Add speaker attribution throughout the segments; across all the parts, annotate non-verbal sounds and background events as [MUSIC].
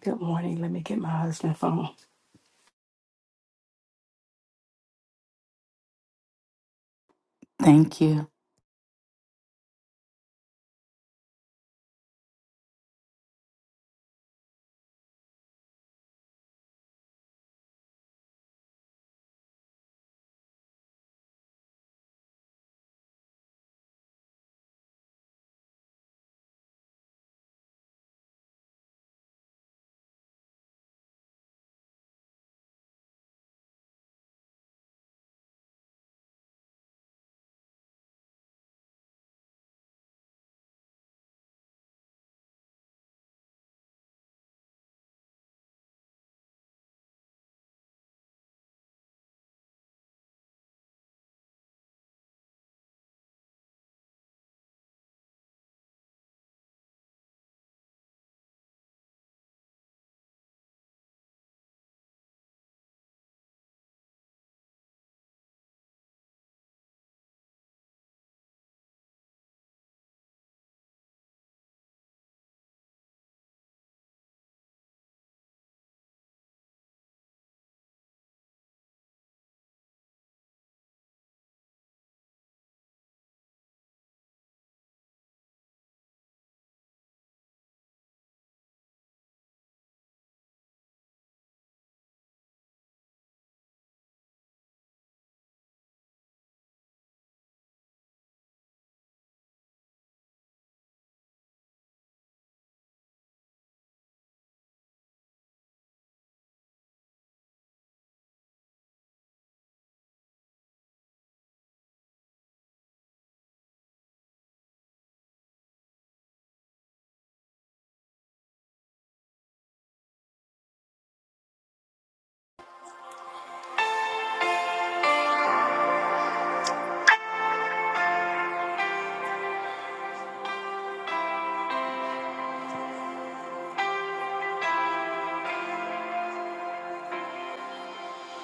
Speaker 1: Good morning. Let me get my husband's phone.
Speaker 2: Thank you.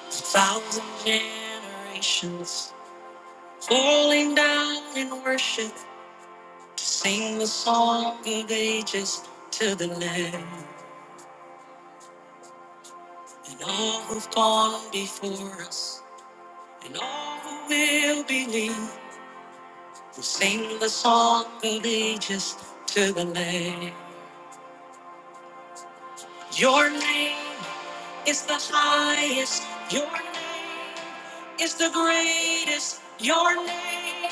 Speaker 1: Thousand generations falling down in worship to sing the song of ages to the Lamb, and all who've gone before us, and all who will believe, will sing the song of ages to the Lamb. Your name is the highest. Your name is the greatest. Your name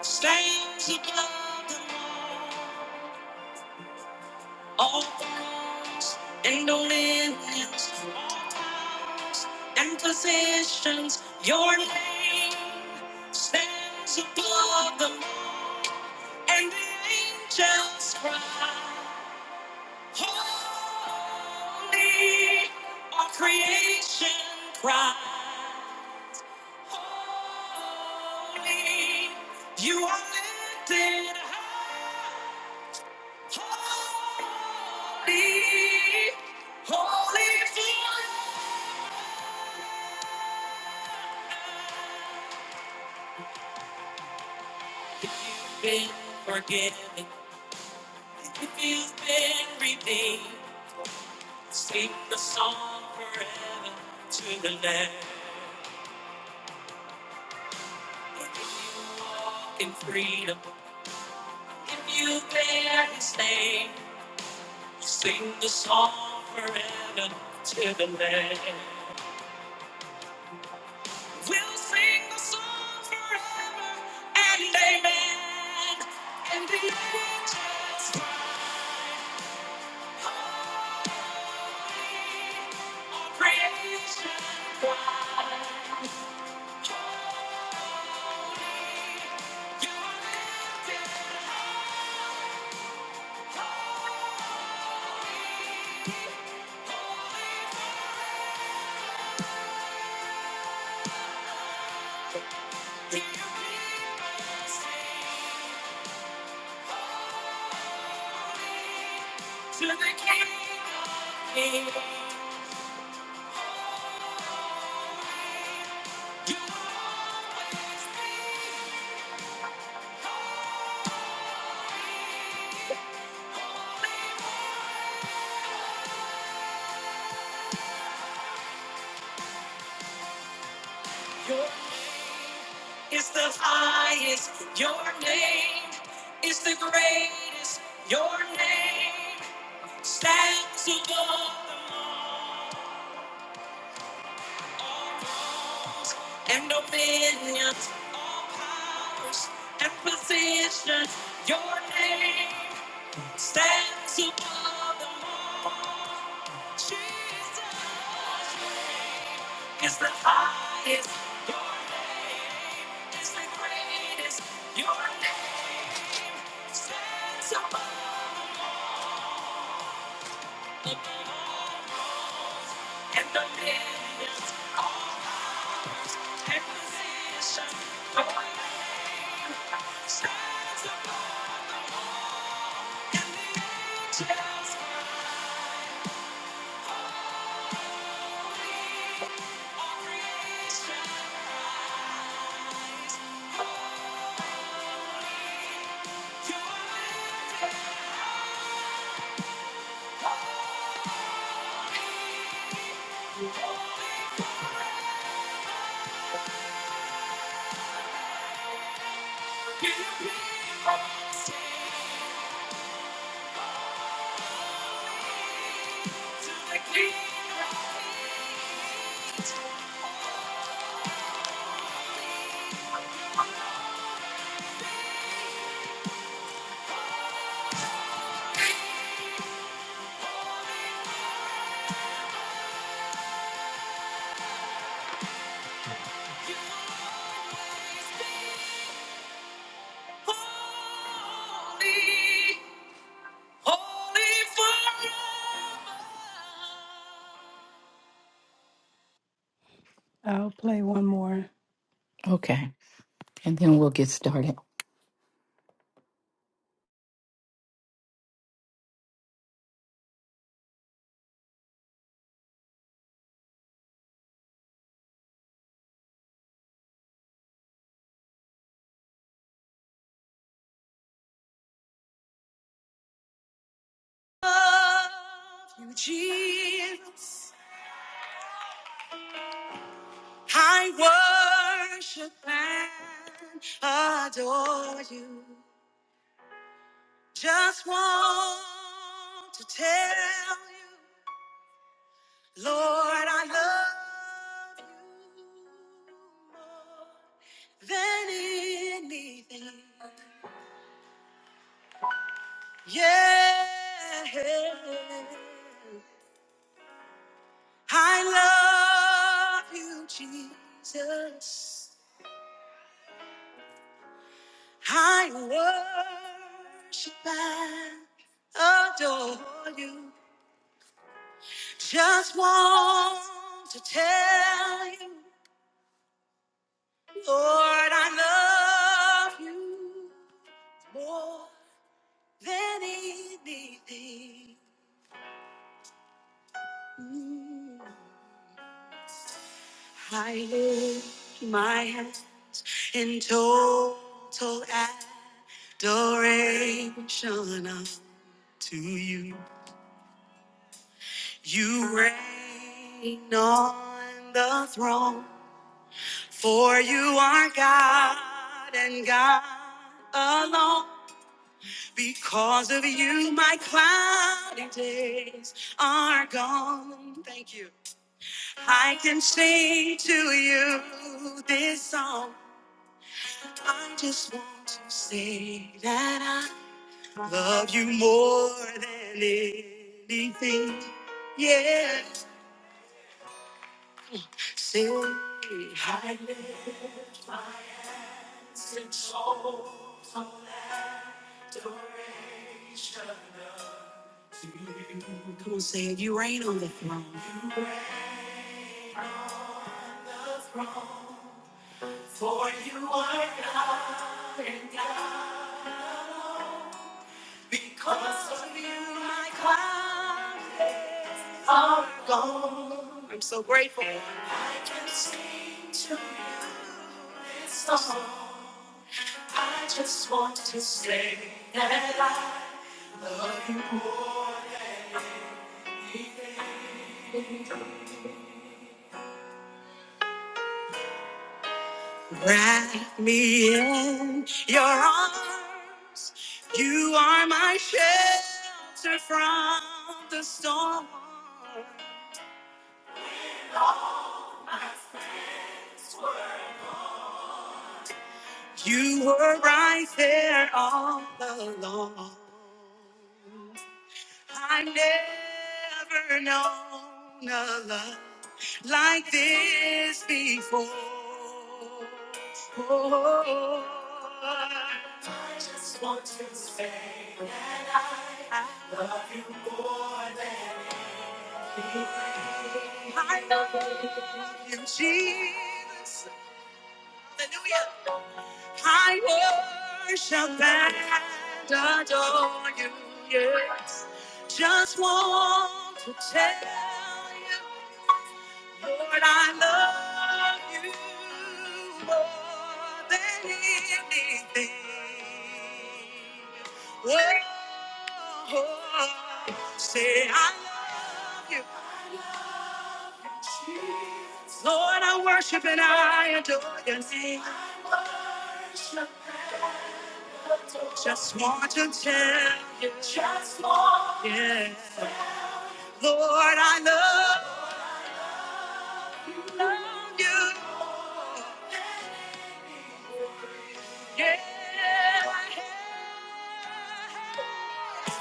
Speaker 1: stands above them all. All thrones and dominions, all powers and positions. Your name stands above them all, and the angels cry. Holy, our creation cries. Holy, you are lifted high. Holy, holy forever. If you've been forgiven, if you've been redeemed, sing the song forever to the Lamb. in freedom. If you bear his name, sing the song forever to the land. We'll sing the song forever and amen. And the angels cry, holy, our creation cry, holy, you are lifted high. holy. To the King of Kings, you always be. Your name is the highest. Your name is the greatest. Your name stands above them all. and opinions, all powers and positions. Your name stands above them all. Jesus your name is the highest. Your name is the greatest. Your name stands above them all. and the millions all ours. And position, the light above, and the angels cry, "Holy," all creation cries, "Holy." You are worthy, holy. You belong to the King of Kings. You always be. Holy, holy forever. I'll play one more.
Speaker 2: Okay. And then we'll get started.
Speaker 1: Love you, Jesus. I worship and adore you. Just want to tell you, Lord, I love you more than anything. Yeah, I love you, Jesus. I worship and adore you. Just want to tell you, Lord, I love you more than anything. I lift my hands in total adoration up to you. You reign on the throne, for you are God and God alone. Because of you, my cloudy days are gone. Thank you. I can sing to you this song. I just want to say that I love you more than anything. Yeah. Say hallelujah. Come on, say it. You reign on the throne. Cause of you, my cloud. I'm so grateful to strap me in your arms. You are my shelter from the storm. You were right there all along. I never known a love like this before. Oh. I just want to say that I love you more than I love you, Jesus. Hallelujah. I worship and adore you, yes. Just want to tell you, Lord, I love you more than anything. Oh, say I love you. I love you, Jesus. Lord, I worship and I adore your name. Just want to tell you, just want, yeah, Lord, I love you.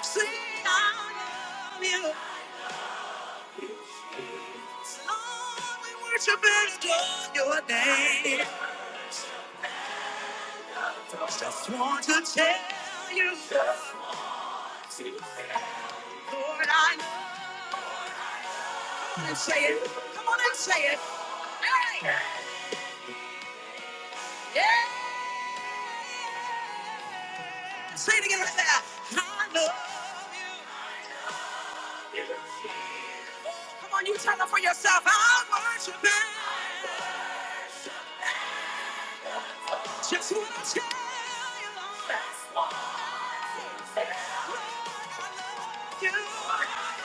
Speaker 1: See, I love you. Lord, we worship and adore your name. Just want to tell you, Lord, I love you. And say it. Come on and say it. Hey, yeah. Say it again right there. I love you. Come on, you tell them for yourself. I worship you. Just what I say. That's what I I love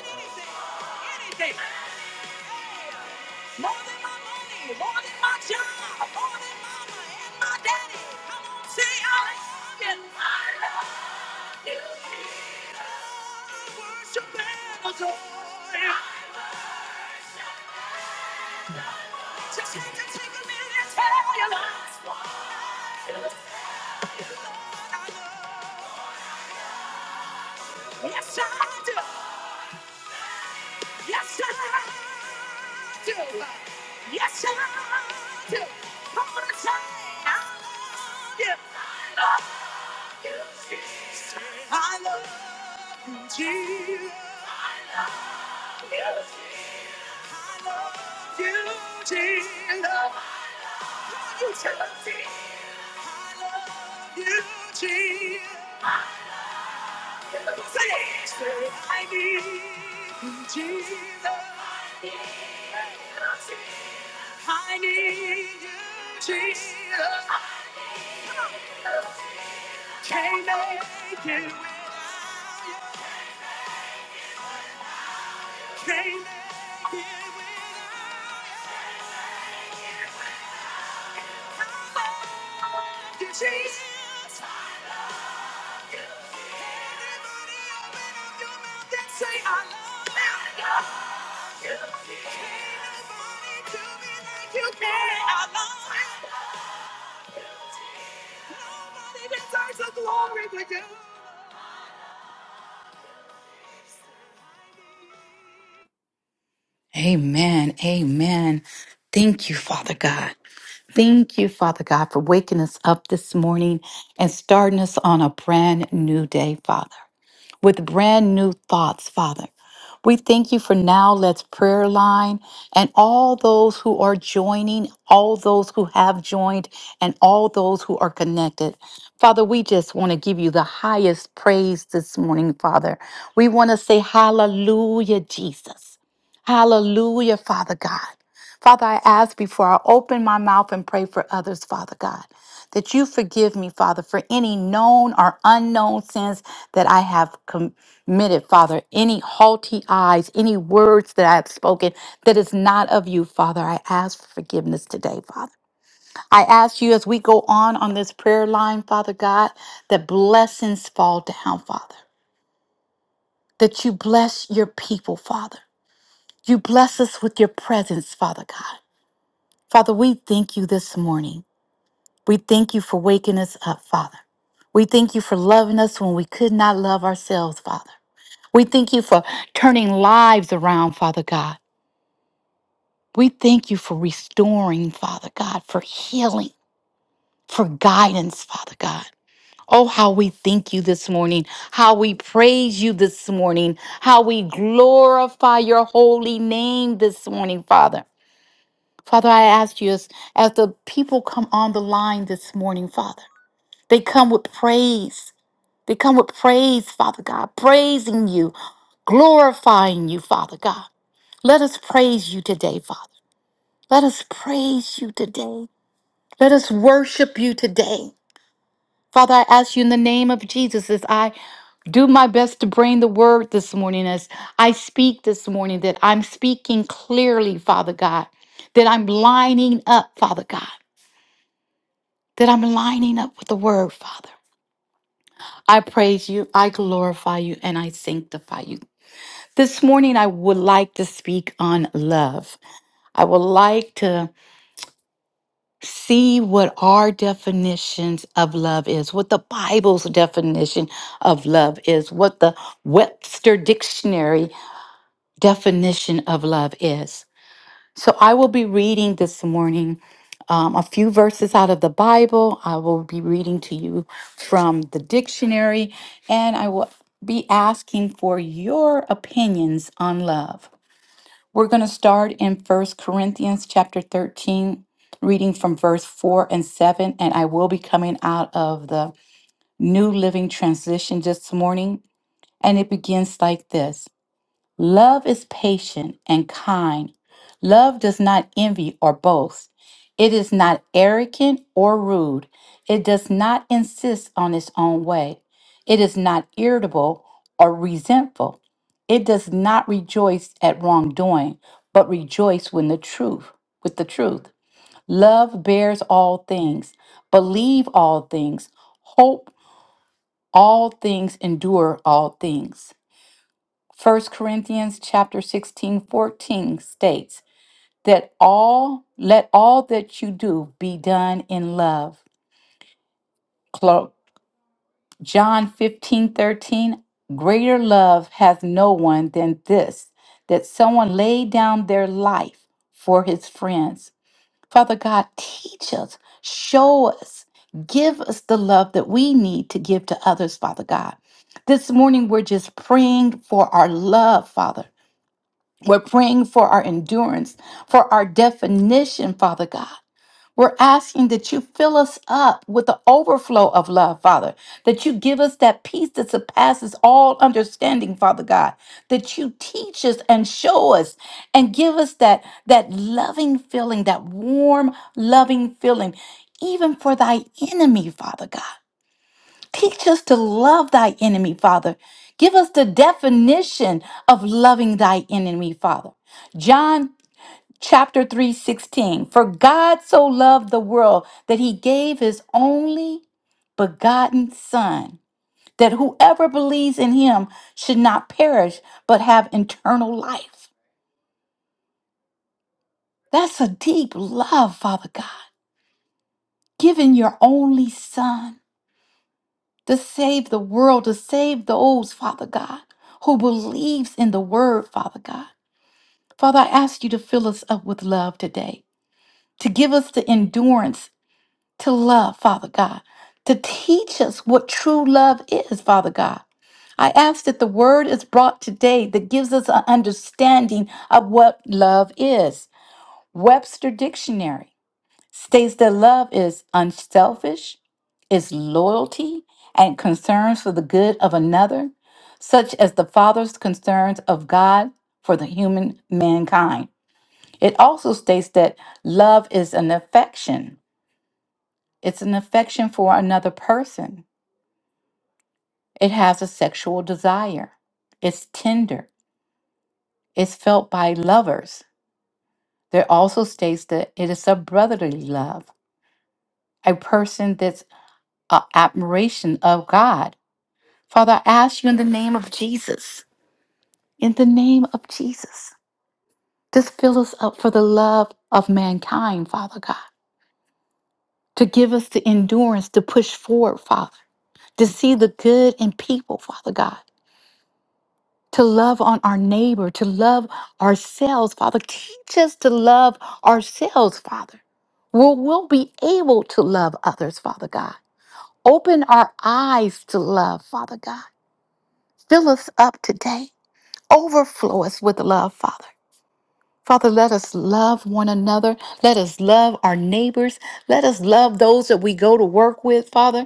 Speaker 1: you. Anything, anything. More than my money, more than my job, more than mama and my daddy. Come on, say I love you. I love you. I worship and adore you. Just had to take a minute and tell you, Lord, I love you. Yes, I do. Yes, I do. Yes, I do. Come on and say, I do. I love you. I love you. Jesus. I love you, Jesus. I love you, Jesus. I need Jesus. I need you, Jesus. Can't make it without you. Can't make it without you, Jesus. like
Speaker 2: Amen. Amen. Thank you, Father God. Thank you, Father God, for waking us up this morning and starting us on a brand new day, Father. with brand new thoughts, Father. We thank you for now. Let's prayer line and all those who are joining, all those who have joined, and all those who are connected. Father, we just want to give you the highest praise this morning, Father. We want to say, Hallelujah, Jesus. Hallelujah, Father God. Father, I ask before I open my mouth and pray for others, Father God that you forgive me, Father, for any known or unknown sins that I have committed, Father, any haughty eyes, any words that I have spoken that is not of you, Father. I ask for forgiveness today, Father. I ask you as we go on on this prayer line, Father God, that blessings fall down, Father, that you bless your people, Father. You bless us with your presence, Father God. Father, we thank you this morning. We thank you for waking us up, Father. We thank you for loving us when we could not love ourselves, Father. We thank you for turning lives around, Father God. We thank you for restoring, Father God, for healing, for guidance, Father God. Oh, how we thank you this morning, how we praise you this morning, how we glorify your holy name this morning, Father. Father, I ask you as, as the people come on the line this morning, Father, they come with praise. They come with praise, Father God, praising you, glorifying you, Father God. Let us praise you today, Father. Let us praise you today. Let us worship you today. Father, I ask you in the name of Jesus as I do my best to bring the word this morning, as I speak this morning, that I'm speaking clearly, Father God, that I'm lining up, Father God, that I'm lining up with the word, Father. I praise you, I glorify you, and I sanctify you. This morning, I would like to speak on love. I would like to see what our definitions of love is, what the Bible's definition of love is, what the Webster Dictionary definition of love is. So I will be reading this morning um, a few verses out of the Bible. I will be reading to you from the dictionary, and I will be asking for your opinions on love. We're going to start in First Corinthians chapter 13, reading from verse 4 and 7. And I will be coming out of the New Living Translation this morning. And it begins like this. Love is patient and kind. Love does not envy or boast. It is not arrogant or rude. It does not insist on its own way. It is not irritable or resentful. It does not rejoice at wrongdoing, but rejoice when the truth, with the truth. Love bears all things, believe all things, hope all things, endure all things. First Corinthians chapter 16 14 states that all let all that you do be done in love. Clo- John 15 13 greater love has no one than this, that someone lay down their life for his friends. Father God, teach us, show us, give us the love that we need to give to others, Father God. This morning, we're just praying for our love, Father. We're praying for our endurance, for our definition, Father God. We're asking that you fill us up with the overflow of love, Father, that you give us that peace that surpasses all understanding, Father God, that you teach us and show us and give us that, that loving feeling, that warm, loving feeling, even for thy enemy, Father God. Teach us to love thy enemy, Father. Give us the definition of loving thy enemy, Father. John chapter 3 16. For God so loved the world that he gave his only begotten Son, that whoever believes in him should not perish but have eternal life. That's a deep love, Father God, giving your only Son. to save the world, to save those, Father God, who believes in the word, Father God. Father, I ask you to fill us up with love today, to give us the endurance to love, Father God, to teach us what true love is, Father God. I ask that the word is brought today that gives us an understanding of what love is. Webster Dictionary states that love is unselfish, is loyalty, and concerns for the good of another, such as the Father's concerns of God for the human mankind. It also states that love is an affection, it's an affection for another person. It has a sexual desire, it's tender, it's felt by lovers. There also states that it is a brotherly love, a person that's uh, admiration of God Father, I ask you in the name of Jesus, in the name of Jesus, just fill us up for the love of mankind, Father God, to give us the endurance to push forward, Father, to see the good in people, Father God, to love on our neighbor, to love ourselves, Father. Teach us to love ourselves, Father. We'll, we'll be able to love others, Father God. Open our eyes to love, Father God. Fill us up today. Overflow us with love, Father. Father, let us love one another. Let us love our neighbors. Let us love those that we go to work with, Father.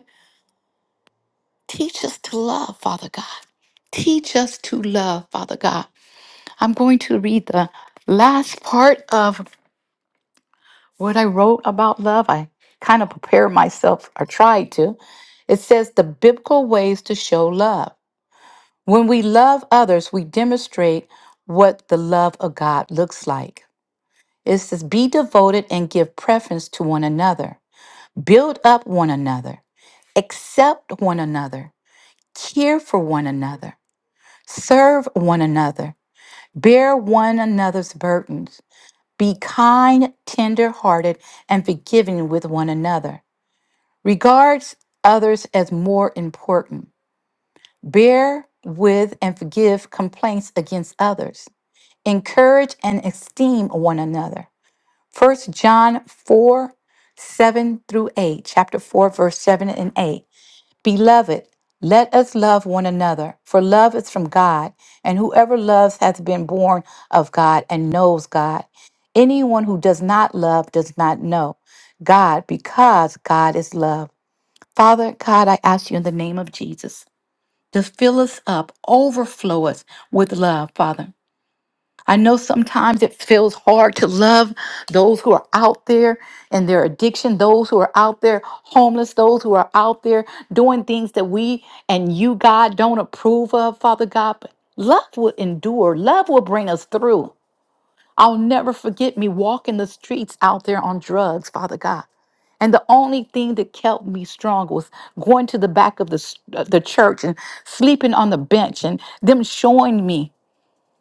Speaker 2: Teach us to love, Father God. Teach us to love, Father God. I'm going to read the last part of what I wrote about love. I kind of prepared myself or tried to. It says the biblical ways to show love. When we love others, we demonstrate what the love of God looks like. It says, Be devoted and give preference to one another, build up one another, accept one another, care for one another, serve one another, bear one another's burdens, be kind, tender hearted, and forgiving with one another. Regards others as more important. Bear with and forgive complaints against others. Encourage and esteem one another First John 4, 7 through 8, chapter 4, verse 7 and 8. Beloved, let us love one another, for love is from God, and whoever loves hath been born of God and knows God. Anyone who does not love does not know God, because God is love. Father God, I ask you in the name of Jesus to fill us up, overflow us with love, Father. I know sometimes it feels hard to love those who are out there in their addiction, those who are out there homeless, those who are out there doing things that we and you, God, don't approve of, Father God. But love will endure, love will bring us through. I'll never forget me walking the streets out there on drugs, Father God. And the only thing that kept me strong was going to the back of the, s- uh, the church and sleeping on the bench and them showing me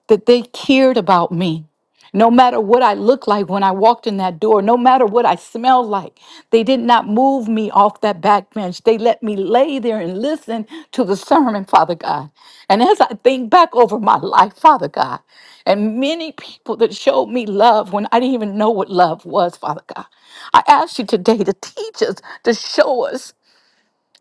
Speaker 2: that they cared about me. No matter what I looked like when I walked in that door, no matter what I smelled like, they did not move me off that back bench. They let me lay there and listen to the sermon, Father God. And as I think back over my life, Father God, and many people that showed me love when I didn't even know what love was, Father God, I ask you today to teach us, to show us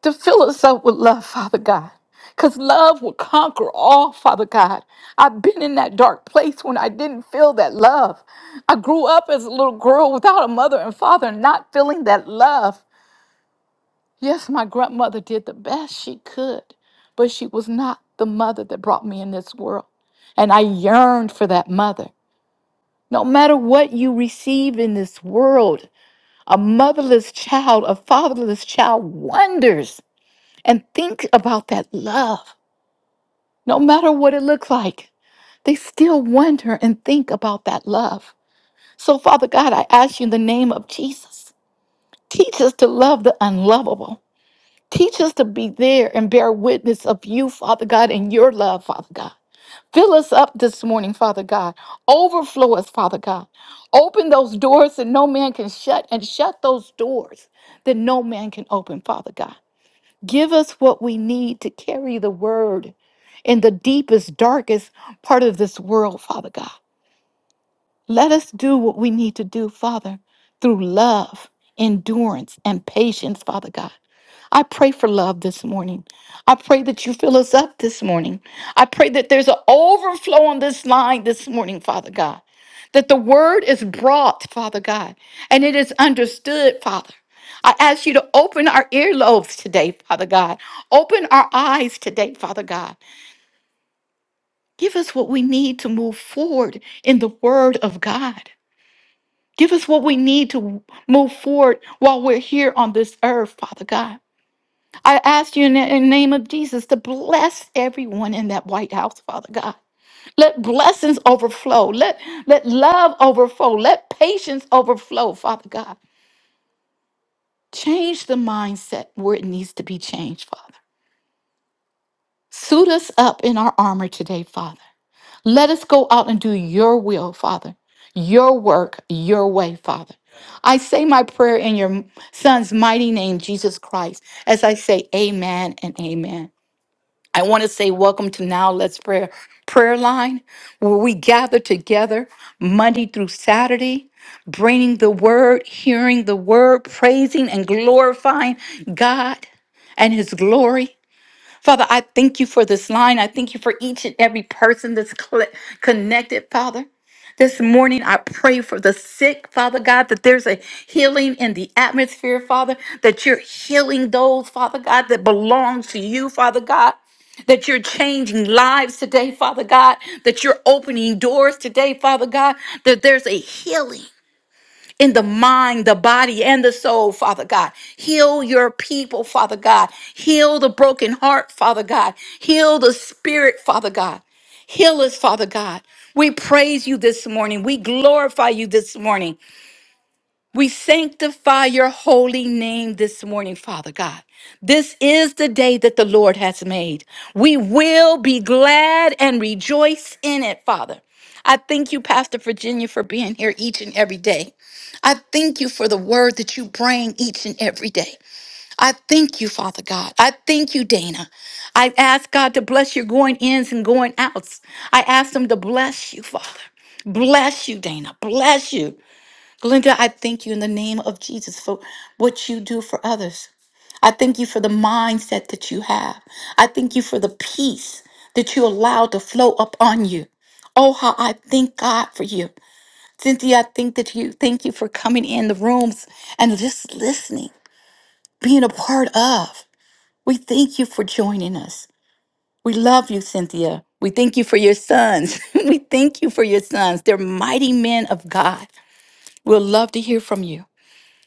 Speaker 2: to fill us up with love, Father God. Because love will conquer all, Father God. I've been in that dark place when I didn't feel that love. I grew up as a little girl without a mother and father, and not feeling that love. Yes, my grandmother did the best she could, but she was not the mother that brought me in this world. And I yearned for that mother. No matter what you receive in this world, a motherless child, a fatherless child wonders and think about that love. No matter what it looks like, they still wonder and think about that love. So, Father God, I ask you in the name of Jesus, teach us to love the unlovable. Teach us to be there and bear witness of you, Father God, and your love, Father God. Fill us up this morning, Father God. Overflow us, Father God. Open those doors that no man can shut and shut those doors that no man can open, Father God. Give us what we need to carry the word in the deepest, darkest part of this world, Father God. Let us do what we need to do, Father, through love, endurance, and patience, Father God. I pray for love this morning. I pray that you fill us up this morning. I pray that there's an overflow on this line this morning, Father God. That the word is brought, Father God, and it is understood, Father. I ask you to open our earlobes today, Father God. Open our eyes today, Father God. Give us what we need to move forward in the word of God. Give us what we need to move forward while we're here on this earth, Father God. I ask you in the in the name of Jesus to bless everyone in that White House, Father God. Let blessings overflow. Let, let love overflow. Let patience overflow, Father God. Change the mindset where it needs to be changed, Father. Suit us up in our armor today, Father. Let us go out and do your will, Father. Your work, your way, Father. I say my prayer in your son's mighty name, Jesus Christ, as I say amen and amen. I want to say welcome to Now Let's Prayer prayer line where we gather together Monday through Saturday bringing the word, hearing the word, praising and glorifying God and his glory. Father, I thank you for this line. I thank you for each and every person that's cl- connected, Father. This morning, I pray for the sick, Father God, that there's a healing in the atmosphere, Father, that you're healing those, Father God, that belong to you, Father God that you're changing lives today, Father God, that you're opening doors today, Father God, that there's a healing in the mind, the body, and the soul, Father God. Heal your people, Father God. Heal the broken heart, Father God. Heal the spirit, Father God. Heal us, Father God. We praise you this morning. We glorify you this morning. We sanctify your holy name this morning, Father God. This is the day that the Lord has made. We will be glad and rejoice in it, Father. I thank you, Pastor Virginia, for being here each and every day. I thank you for the word that you bring each and every day. I thank you, Father God. I thank you, Dana. I ask God to bless your going ins and going outs. I ask Him to bless you, Father. Bless you, Dana. Bless you. Glenda, I thank you in the name of Jesus for what you do for others. I thank you for the mindset that you have. I thank you for the peace that you allow to flow up on you. Oh, how I thank God for you. Cynthia, I think that you thank you for coming in the rooms and just listening, being a part of. We thank you for joining us. We love you, Cynthia. We thank you for your sons. [LAUGHS] we thank you for your sons. They're mighty men of God. We'll love to hear from you.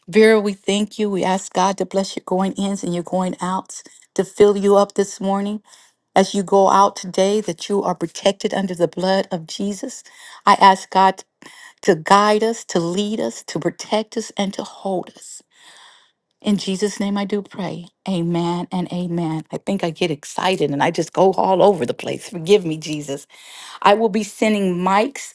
Speaker 2: Vera, we thank you. We ask God to bless your going ins and your going outs, to fill you up this morning as you go out today, that you are protected under the blood of Jesus. I ask God to guide us, to lead us, to protect us, and to hold us. In Jesus' name, I do pray. Amen and amen. I think I get excited and I just go all over the place. Forgive me, Jesus. I will be sending mics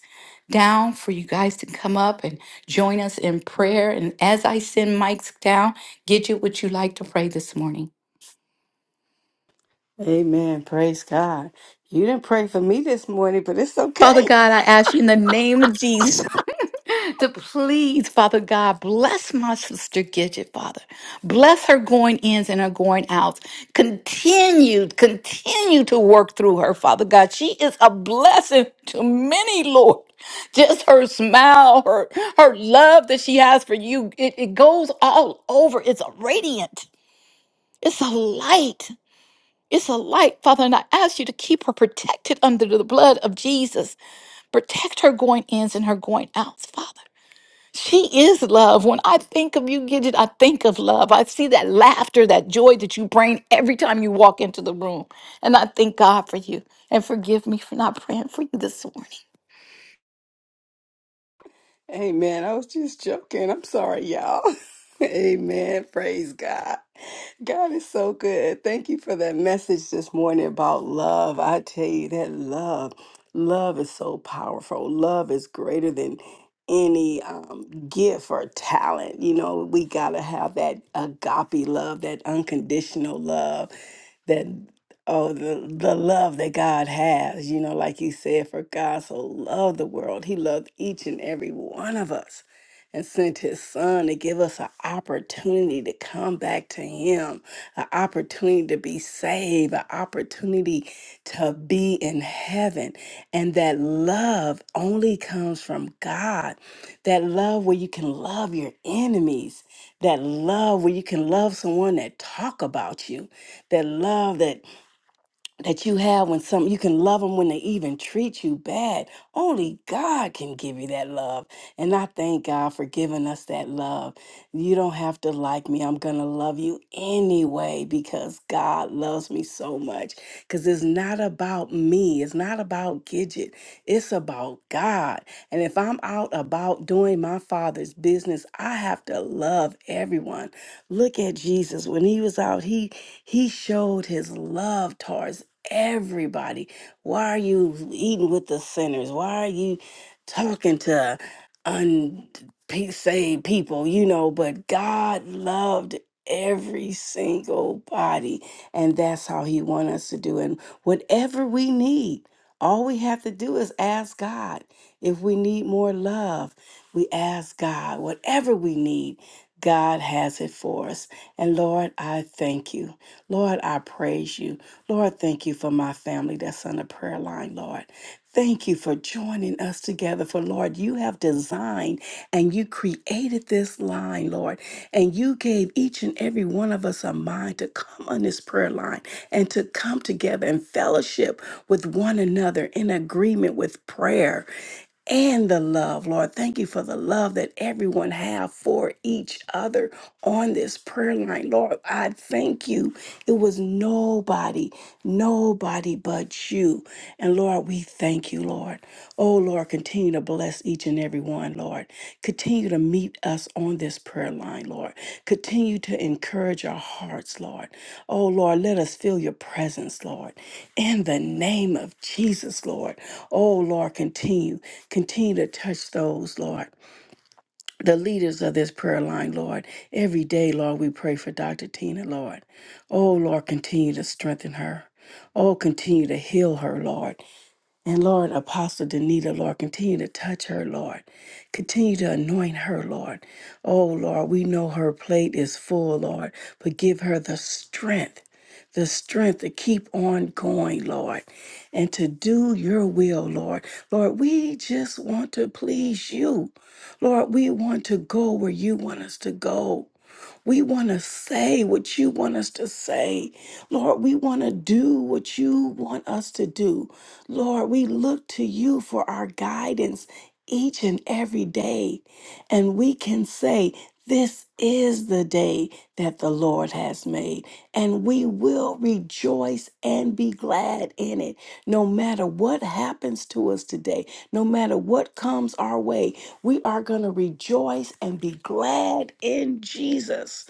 Speaker 2: down for you guys to come up and join us in prayer. And as I send mics down, get you what you like to pray this morning.
Speaker 1: Amen. Praise God. You didn't pray for me this morning, but it's
Speaker 2: Father
Speaker 1: okay.
Speaker 2: God, I ask you in the name of Jesus [LAUGHS] to please, Father God,
Speaker 1: [LAUGHS]
Speaker 2: bless my sister Gidget, Father. Bless her going ins and her going outs. Continue, continue to work through her, Father God. She is a blessing to many, Lord. Just her smile, her her love that she has for you, it, it goes all over. It's a radiant. It's a light. It's a light, Father, and I ask you to keep her protected under the blood of Jesus. Protect her going ins and her going outs, Father. She is love. When I think of you, Gidget, I think of love. I see that laughter, that joy that you bring every time you walk into the room. And I thank God for you. And forgive me for not praying for you this morning.
Speaker 1: Amen. I was just joking. I'm sorry, y'all. [LAUGHS] Amen. Praise God. God is so good. Thank you for that message this morning about love. I tell you that love, love is so powerful. Love is greater than any um, gift or talent. You know, we got to have that agape love, that unconditional love, that oh the the love that God has. You know, like you said, for God so loved the world, He loved each and every one of us and sent his son to give us an opportunity to come back to him, an opportunity to be saved, an opportunity to be in heaven. And that love only comes from God. That love where you can love your enemies, that love where you can love someone that talk about you, that love that that you have when some you can love them when they even treat you bad. Only God can give you that love. And I thank God for giving us that love. You don't have to like me. I'm going to love you anyway because God loves me so much. Cuz it's not about me. It's not about Gidget. It's about God. And if I'm out about doing my father's business, I have to love everyone. Look at Jesus when he was out, he he showed his love towards everybody. Why are you eating with the sinners? Why are you talking to unsaved people? You know, but God loved every single body, and that's how He wants us to do. And whatever we need. All we have to do is ask God. If we need more love, we ask God. Whatever we need, God has it for us. And Lord, I thank you. Lord, I praise you. Lord, thank you for my family that's on the prayer line, Lord. Thank you for joining us together. For Lord, you have designed and you created this line, Lord, and you gave each and every one of us a mind to come on this prayer line and to come together and fellowship with one another in agreement with prayer and the love, Lord. Thank you for the love that everyone have for each other on this prayer line, Lord. I thank you. It was nobody, nobody but you. And Lord, we thank you, Lord. Oh, Lord, continue to bless each and everyone, Lord. Continue to meet us on this prayer line, Lord. Continue to encourage our hearts, Lord. Oh, Lord, let us feel your presence, Lord. In the name of Jesus, Lord. Oh, Lord, continue. Continue to touch those, Lord. The leaders of this prayer line, Lord. Every day, Lord, we pray for Dr. Tina, Lord. Oh, Lord, continue to strengthen her. Oh, continue to heal her, Lord. And Lord, Apostle Danita, Lord, continue to touch her, Lord. Continue to anoint her, Lord. Oh, Lord, we know her plate is full, Lord, but give her the strength, the strength to keep on going, Lord, and to do your will, Lord. Lord, we just want to please you. Lord, we want to go where you want us to go. We want to say what you want us to say. Lord, we want to do what you want us to do. Lord, we look to you for our guidance each and every day. And we can say, This is the day that the Lord has made, and we will rejoice and be glad in it. No matter what happens to us today, no matter what comes our way, we are going to rejoice and be glad in Jesus.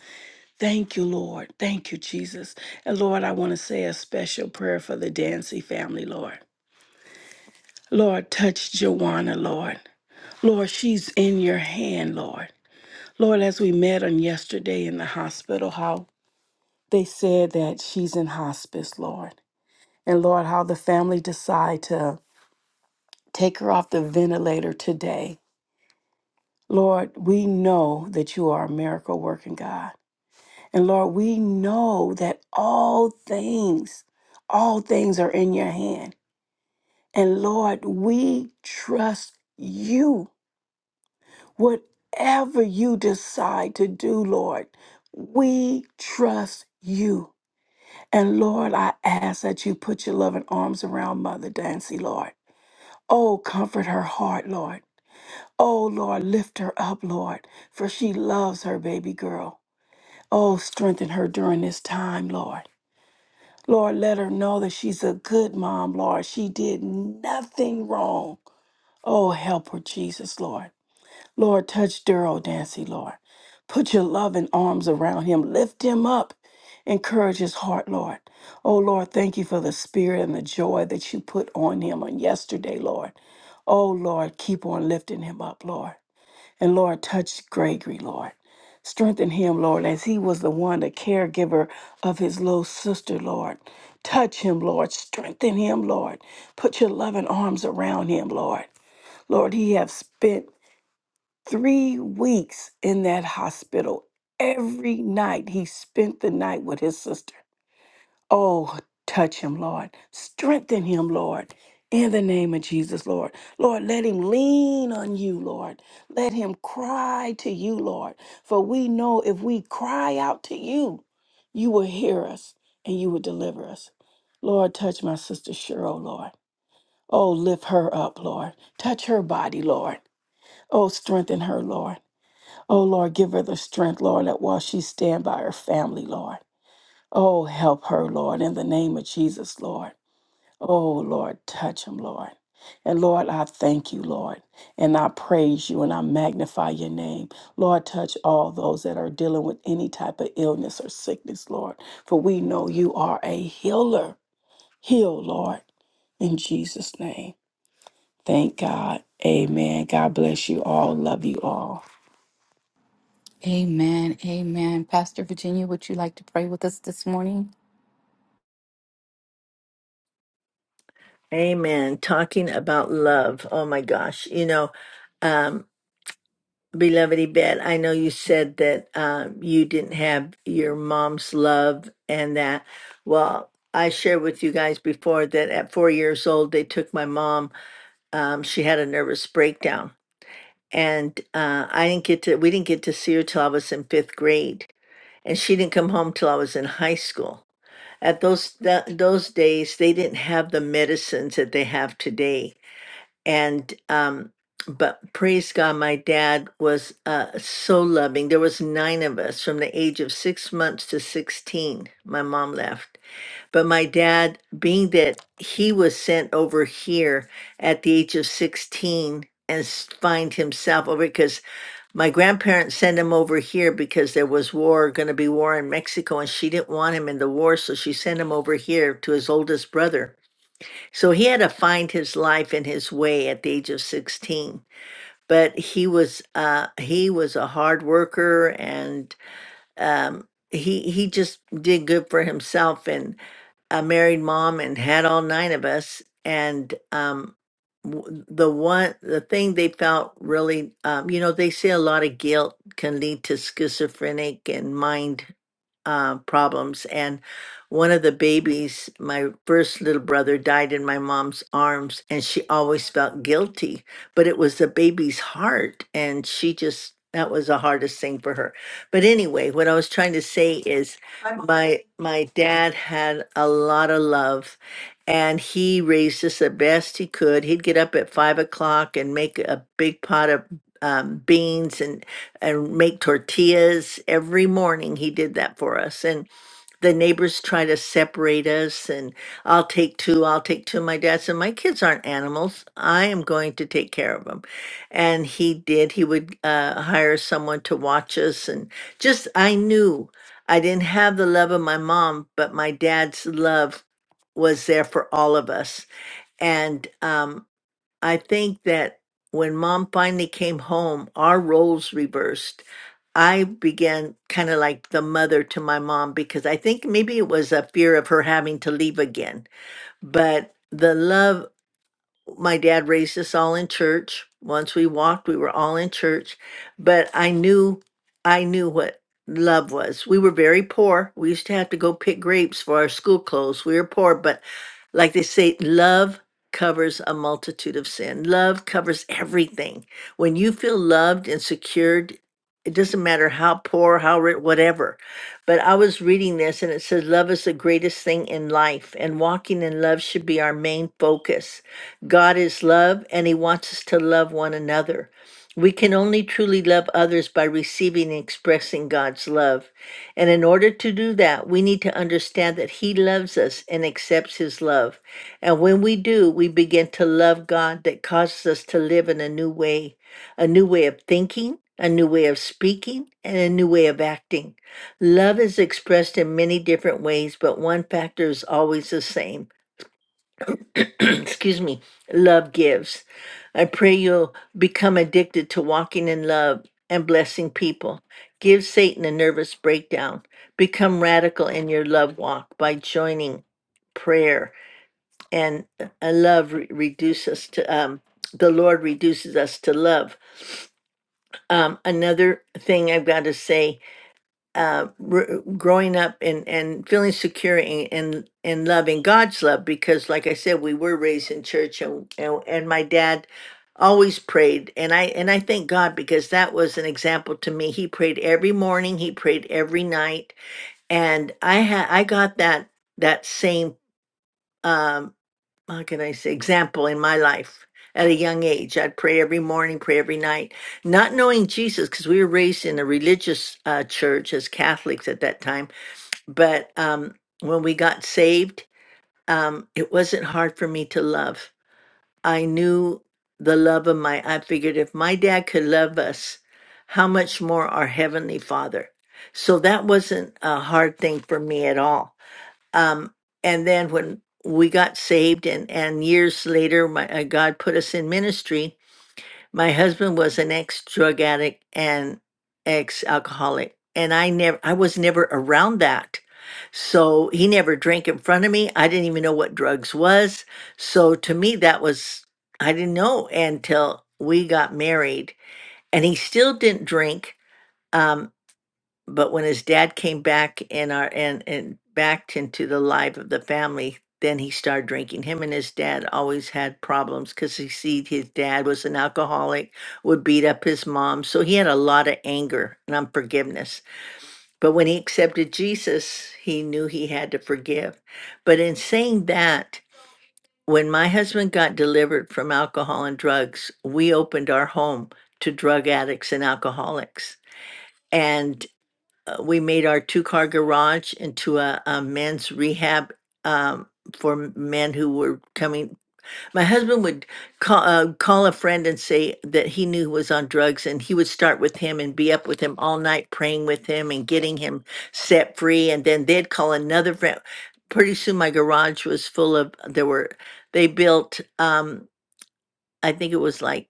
Speaker 1: Thank you, Lord. Thank you, Jesus. And Lord, I want to say a special prayer for the Dancy family, Lord. Lord, touch Joanna, Lord. Lord, she's in your hand, Lord. Lord, as we met on yesterday in the hospital hall, they said that she's in hospice, Lord. And Lord, how the family decide to take her off the ventilator today. Lord, we know that you are a miracle working God. And Lord, we know that all things, all things are in your hand. And Lord, we trust you. Whatever you decide to do, Lord, we trust you. And Lord, I ask that you put your loving arms around Mother Dancy, Lord. Oh, comfort her heart, Lord. Oh, Lord, lift her up, Lord, for she loves her baby girl. Oh, strengthen her during this time, Lord. Lord, let her know that she's a good mom, Lord. She did nothing wrong. Oh, help her, Jesus, Lord. Lord, touch Daryl Dancy, Lord. Put your loving arms around him. Lift him up. Encourage his heart, Lord. Oh, Lord, thank you for the spirit and the joy that you put on him on yesterday, Lord. Oh, Lord, keep on lifting him up, Lord. And Lord, touch Gregory, Lord. Strengthen him, Lord, as he was the one, the caregiver of his little sister, Lord. Touch him, Lord. Strengthen him, Lord. Put your loving arms around him, Lord. Lord, he have spent three weeks in that hospital. Every night he spent the night with his sister. Oh, touch him, Lord. Strengthen him, Lord. In the name of Jesus, Lord. Lord, let him lean on you, Lord. Let him cry to you, Lord. For we know if we cry out to you, you will hear us and you will deliver us. Lord, touch my sister Cheryl, Lord. Oh, lift her up, Lord. Touch her body, Lord. Oh, strengthen her, Lord. Oh Lord, give her the strength, Lord, that while she stand by her family, Lord. Oh, help her, Lord, in the name of Jesus, Lord. Oh Lord, touch him, Lord. And Lord, I thank you, Lord, and I praise you and I magnify your name. Lord, touch all those that are dealing with any type of illness or sickness, Lord, for we know you are a healer. Heal, Lord, in Jesus' name. Thank God. Amen. God bless you all. Love you all.
Speaker 2: Amen. Amen. Pastor Virginia, would you like to pray with us this morning?
Speaker 3: Amen. Talking about love. Oh my gosh. You know, um, beloved Yvette, I know you said that um, you didn't have your mom's love and that. Well, I shared with you guys before that at four years old, they took my mom. Um, she had a nervous breakdown. And uh, I didn't get to, we didn't get to see her till I was in fifth grade. And she didn't come home till I was in high school. At those, th- those days, they didn't have the medicines that they have today and um but praise god my dad was uh so loving there was nine of us from the age of six months to 16 my mom left but my dad being that he was sent over here at the age of 16 and s- find himself over because my grandparents sent him over here because there was war going to be war in mexico and she didn't want him in the war so she sent him over here to his oldest brother so he had to find his life and his way at the age of 16. But he was uh, he was a hard worker, and um, he he just did good for himself. And a married mom, and had all nine of us. And um, w- the one the thing they felt really, um, you know, they say a lot of guilt can lead to schizophrenic and mind uh, problems. And one of the babies, my first little brother, died in my mom's arms, and she always felt guilty. But it was the baby's heart, and she just that was the hardest thing for her. But anyway, what I was trying to say is, I'm- my my dad had a lot of love. And he raised us the best he could. He'd get up at five o'clock and make a big pot of um, beans and and make tortillas every morning. He did that for us. And the neighbors try to separate us and I'll take two, I'll take two. My dad said, My kids aren't animals. I am going to take care of them. And he did. He would uh, hire someone to watch us. And just, I knew I didn't have the love of my mom, but my dad's love was there for all of us. And, um, I think that when mom finally came home, our roles reversed. I began kind of like the mother to my mom because I think maybe it was a fear of her having to leave again. But the love my dad raised us all in church. Once we walked, we were all in church. But I knew, I knew what love was. We were very poor. We used to have to go pick grapes for our school clothes. We were poor, but like they say, love covers a multitude of sin. Love covers everything. When you feel loved and secured, it doesn't matter how poor, how rich, whatever. But I was reading this and it says, Love is the greatest thing in life, and walking in love should be our main focus. God is love, and He wants us to love one another. We can only truly love others by receiving and expressing God's love. And in order to do that, we need to understand that He loves us and accepts His love. And when we do, we begin to love God that causes us to live in a new way, a new way of thinking, a new way of speaking, and a new way of acting. Love is expressed in many different ways, but one factor is always the same [CLEARS THROAT] excuse me, love gives. I pray you'll become addicted to walking in love and blessing people. Give Satan a nervous breakdown. Become radical in your love walk by joining prayer and uh, a love re- reduce us to um the Lord reduces us to love. Um, another thing I've got to say uh, r- growing up and, and feeling secure and, and and loving God's love because, like I said, we were raised in church and, and and my dad always prayed and I and I thank God because that was an example to me. He prayed every morning, he prayed every night, and I had I got that that same. um, how can I say, example in my life at a young age. I'd pray every morning, pray every night, not knowing Jesus because we were raised in a religious uh, church as Catholics at that time. But um, when we got saved, um, it wasn't hard for me to love. I knew the love of my, I figured if my dad could love us, how much more our Heavenly Father. So that wasn't a hard thing for me at all um, and then when we got saved and and years later my uh, god put us in ministry my husband was an ex drug addict and ex alcoholic and i never i was never around that so he never drank in front of me i didn't even know what drugs was so to me that was i didn't know until we got married and he still didn't drink Um, but when his dad came back in our and and back into the life of the family then he started drinking him and his dad always had problems because he see his dad was an alcoholic would beat up his mom so he had a lot of anger and unforgiveness but when he accepted jesus he knew he had to forgive but in saying that when my husband got delivered from alcohol and drugs we opened our home to drug addicts and alcoholics and uh, we made our two car garage into a, a men's rehab um, for men who were coming. My husband would call, uh, call a friend and say that he knew was on drugs, and he would start with him and be up with him all night, praying with him and getting him set free. And then they'd call another friend. Pretty soon, my garage was full of, there were, they built, um, I think it was like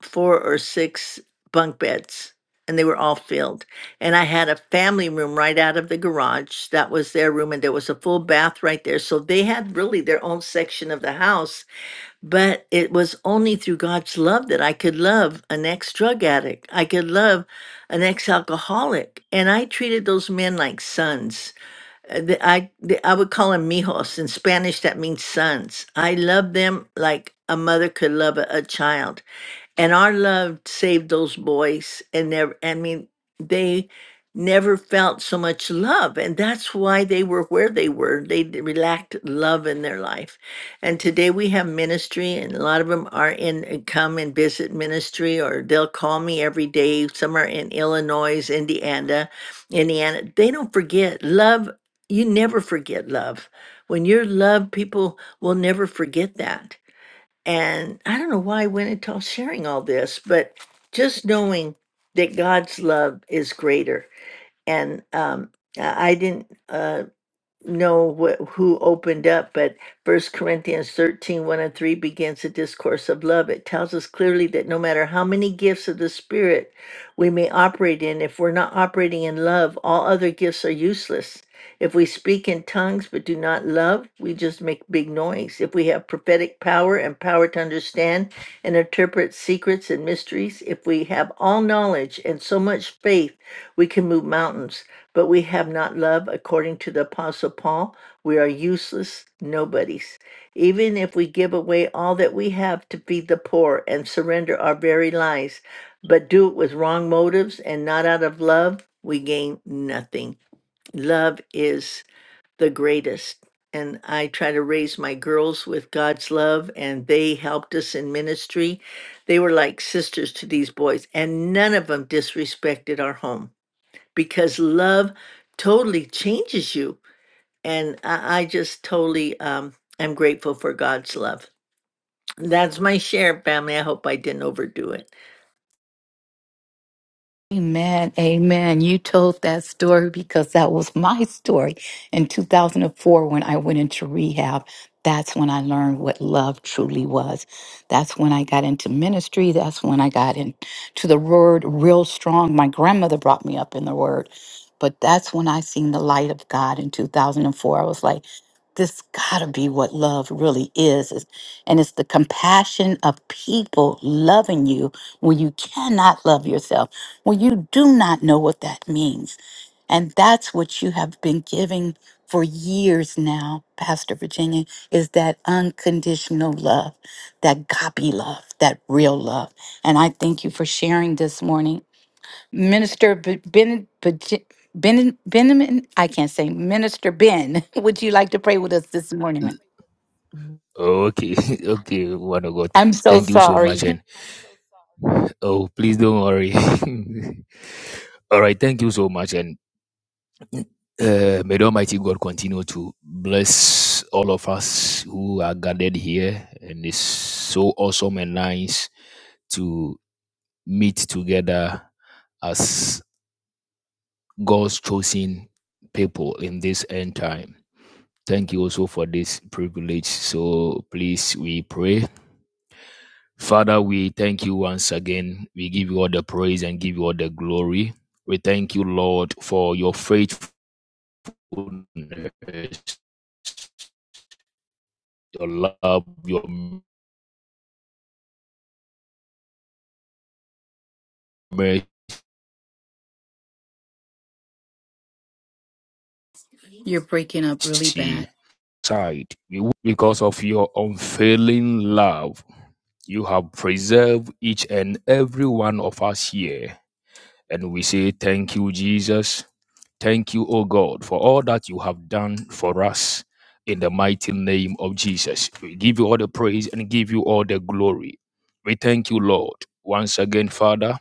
Speaker 3: four or six bunk beds and they were all filled. And I had a family room right out of the garage. That was their room and there was a full bath right there. So they had really their own section of the house, but it was only through God's love that I could love an ex-drug addict. I could love an ex-alcoholic. And I treated those men like sons. Uh, the- I the- I would call them mijos. In Spanish that means sons. I loved them like a mother could love a a child and our love saved those boys and never i mean they never felt so much love and that's why they were where they were they d- lacked love in their life and today we have ministry and a lot of them are in uh, come and visit ministry or they'll call me every day some are in illinois indiana indiana they don't forget love you never forget love when you're loved people will never forget that and I don't know why I went into all- sharing all this, but just knowing that God's love is greater. And um, I I didn't. uh, know wh- who opened up, but First Corinthians thirteen one and 3 begins a discourse of love. It tells us clearly that no matter how many gifts of the Spirit we may operate in, if we're not operating in love, all other gifts are useless. If we speak in tongues but do not love, we just make big noise. If we have prophetic power and power to understand and interpret secrets and mysteries, if we have all knowledge and so much faith, we can move mountains but we have not love according to the apostle paul we are useless nobodies even if we give away all that we have to feed the poor and surrender our very lives but do it with wrong motives and not out of love we gain nothing love is the greatest and I try to raise my girls with God's love, and they helped us in ministry. They were like sisters to these boys, and none of them disrespected our home because love totally changes you. And I, I just totally um, am grateful for God's love. That's my share, family. I hope I didn't overdo it.
Speaker 2: Amen, amen. You told that story because that was my story in 2004 when I went into rehab. That's when I learned what love truly was. That's when I got into ministry. That's when I got into the word real strong. My grandmother brought me up in the word, but that's when I seen the light of God in 2004. I was like, this gotta be what love really is, is and it's the compassion of people loving you when you cannot love yourself when you do not know what that means and that's what you have been giving for years now pastor virginia is that unconditional love that gopi love that real love and i thank you for sharing this morning Minister B- Ben, Baji- Ben, Benjamin, I can't say, Minister Ben, [LAUGHS] would you like to pray with us this morning?
Speaker 4: Okay, [LAUGHS] okay, one of God.
Speaker 2: I'm
Speaker 4: Thank,
Speaker 2: so
Speaker 4: thank you so
Speaker 2: sorry.
Speaker 4: much. And oh, please don't worry. [LAUGHS] all right, thank you so much. And uh, may the Almighty God continue to bless all of us who are gathered here. And it's so awesome and nice to meet together as God's chosen people in this end time. Thank you also for this privilege. So please, we pray Father, we thank you once again. We give you all the praise and give you all the glory. We thank you, Lord, for your faithfulness, your love, your mercy.
Speaker 2: You're breaking up really bad.
Speaker 4: Side. Because of your unfailing love, you have preserved each and every one of us here. And we say thank you, Jesus. Thank you, O God, for all that you have done for us in the mighty name of Jesus. We give you all the praise and give you all the glory. We thank you, Lord, once again, Father,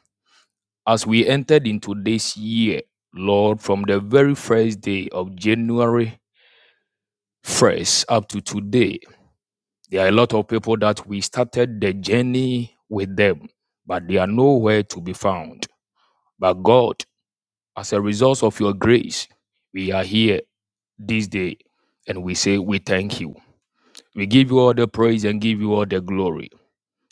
Speaker 4: as we entered into this year, Lord, from the very first day of January 1st up to today, there are a lot of people that we started the journey with them, but they are nowhere to be found. But God, as a result of your grace, we are here this day and we say, We thank you. We give you all the praise and give you all the glory.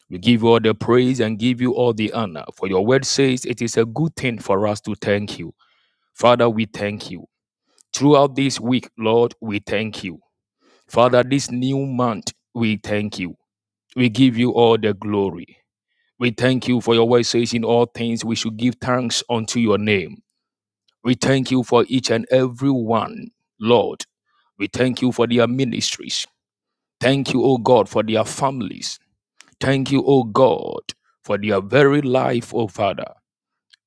Speaker 4: We give you all the praise and give you all the honor. For your word says it is a good thing for us to thank you. Father, we thank you. Throughout this week, Lord, we thank you. Father, this new month, we thank you. We give you all the glory. We thank you for your word says in all things we should give thanks unto your name. We thank you for each and every one, Lord. We thank you for their ministries. Thank you, O God, for their families. Thank you, O God, for their very life, O Father.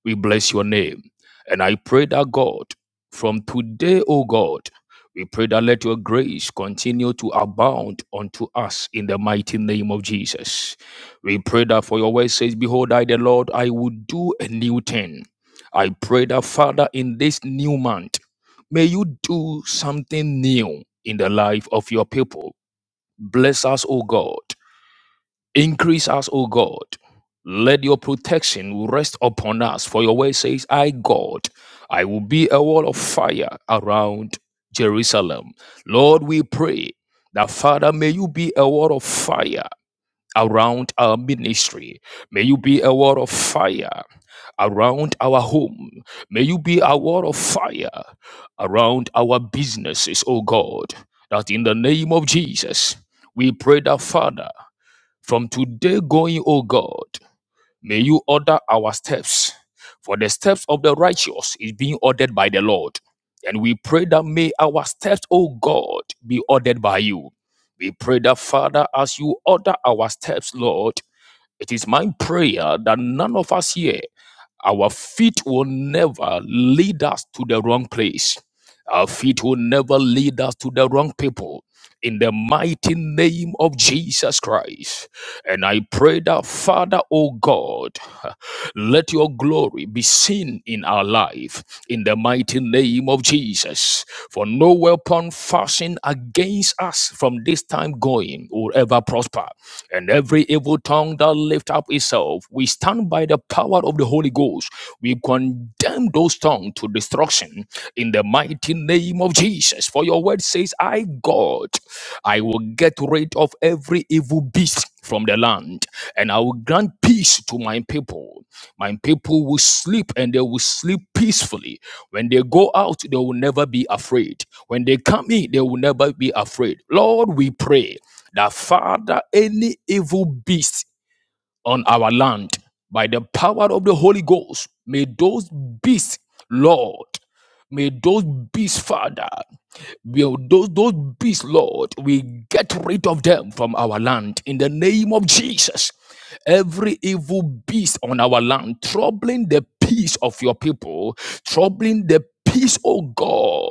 Speaker 4: We bless your name. And I pray that God, from today, O God, we pray that let your grace continue to abound unto us in the mighty name of Jesus. We pray that for your word says, Behold, I, the Lord, I will do a new thing. I pray that, Father, in this new month, may you do something new in the life of your people. Bless us, O God. Increase us, O God. Let your protection rest upon us. For your word says, I, God, I will be a wall of fire around Jerusalem. Lord, we pray that, Father, may you be a wall of fire around our ministry. May you be a wall of fire around our home. May you be a wall of fire around our businesses, O God, that in the name of Jesus, we pray that, Father, from today going, O God, may you order our steps. For the steps of the righteous is being ordered by the Lord. And we pray that may our steps, O God, be ordered by you. We pray that, Father, as you order our steps, Lord, it is my prayer that none of us here our feet will never lead us to the wrong place. Our feet will never lead us to the wrong people. In the mighty name of Jesus Christ. And I pray that, Father, O God, let your glory be seen in our life in the mighty name of Jesus. For no weapon fashioned against us from this time going will ever prosper. And every evil tongue that lift up itself, we stand by the power of the Holy Ghost. We condemn those tongues to destruction in the mighty name of Jesus darkness. For your word says, I, God, I will get rid of every evil beast from the land, and I will grant peace to my people. My people will sleep, and they will sleep peacefully. When they go out, they will never be afraid. When they come in, they will never be afraid. Lord, we pray that, Father, any evil beast on our land, by the power of the Holy Ghost, may those beasts, Lord, May those beasts, Father. Will those, those beasts, Lord, we get rid of them from our land in the name of Jesus. Every evil beast on our land, troubling the peace of your people, troubling the peace, oh God.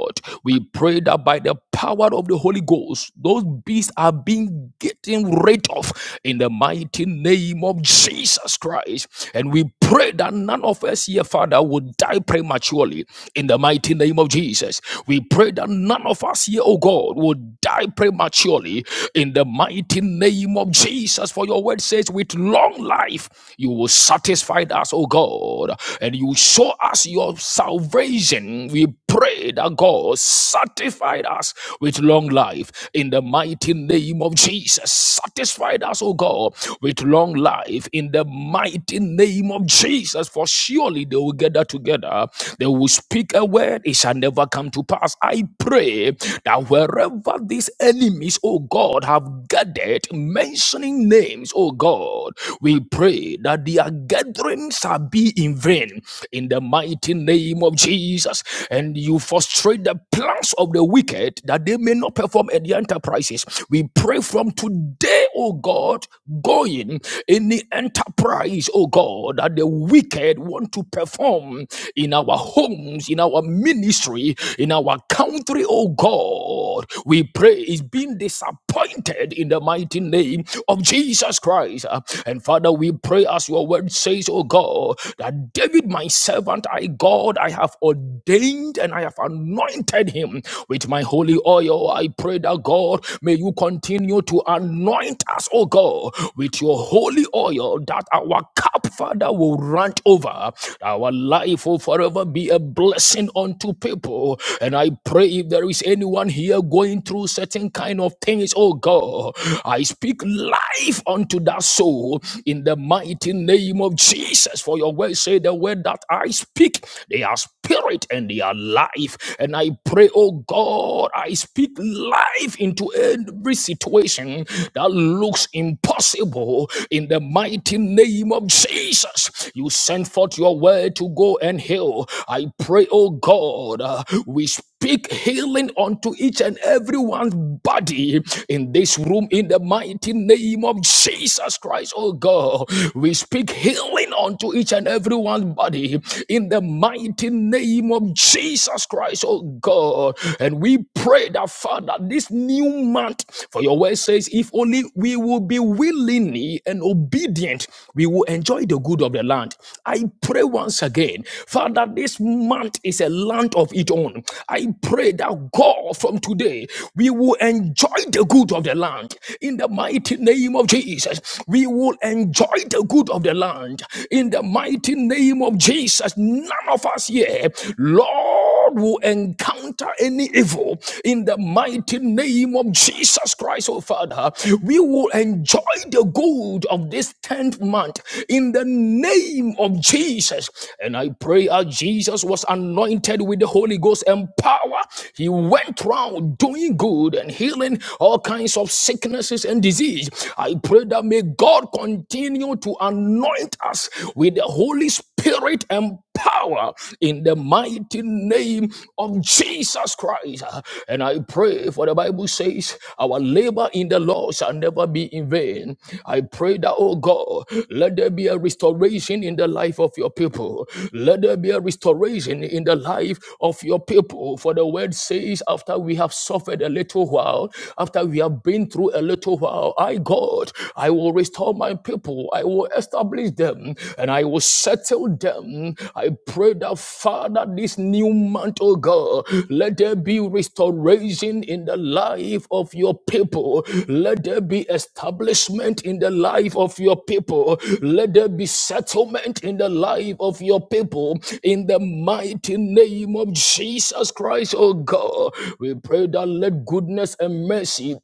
Speaker 4: We pray that by the power of the Holy Ghost, those beasts are being getting rid of in the mighty name of Jesus Christ. And we pray that none of us here, Father, would die prematurely in the in the mighty name of Jesus. We pray that none of us here, oh God, will die prematurely in the mighty name of Jesus. For your word says, with long life, you will satisfy us, oh God, and you show us your salvation. We pray that God satisfied us with long life in the mighty name of Jesus. Satisfied us, oh God, with long life in the mighty name of Jesus. For surely they will gather together. They will speak a word. It shall never come to pass. I pray that wherever these enemies, oh God, have gathered, mentioning names, oh God, we pray that their gatherings shall be in vain in the mighty name of of Jesus. And you frustrate the plans of the wicked that they may not perform any enterprises. We pray from today, oh God, going in the enterprise, oh God, that the wicked want to perform in our homes, in our ministry, in our country, oh God. We pray is being disappointed in the mighty name of Jesus Christ. Uh, And Father, we pray as your word says, oh God, that David, myself servant, I God, I have ordained and I have anointed him with my holy oil. I pray that God, may you continue to anoint us, oh God, with your holy oil that our cup, Father, will run over. Our life will forever be a blessing unto people. And I pray if there is anyone here going through certain kind of things, oh God, I speak life unto that soul in the mighty name of Jesus. For your your word say the word that I speak, they are spirit and they are life. And I pray, oh God, I speak life into every situation that looks impossible in the mighty name of Jesus. You send forth your word to go and heal. I pray, oh God, uh, we speak speak healing unto each and everyone's body in this room in the mighty name of Jesus Christ, oh God. We speak healing unto each and everyone's body in the mighty name of Jesus Christ, oh God. And we pray that, Father, this new month, for your word says, if only we will be willingly and obedient, we will enjoy the good of the land land. I pray once again, Father, this month is a land of its own. I pray that God, from today, we will enjoy the good of the land. In the mighty name of Jesus, we will enjoy the good of the land. In the mighty name of Jesus, none of us here, Lord. God will encounter any evil in the mighty name of Jesus Christ, oh Father. We will enjoy the good of this 10th month in the name of Jesus. And I pray as Jesus was anointed with the Holy Ghost and power, he went round doing good and healing all kinds of sicknesses and disease. I pray that may God continue to anoint us with the Holy Spirit spirit and power in the mighty name of Jesus Christ. And I pray for the Bible says, our labor in the Lord shall never be in vain. I pray that, oh God, let there be a restoration in the life of your people. Let there be a restoration in the life of your people. For the word says, after we have suffered a little while, after we have been through a little while, I, God, I will restore my people. I will establish them and I will settle them. I pray that, Father, this new month, oh God, let there be restoration in the life of your people. Let there be establishment in the life of your people. Let there be settlement in the life of your people. In the mighty name of Jesus Christ, oh God, we pray that let goodness and mercy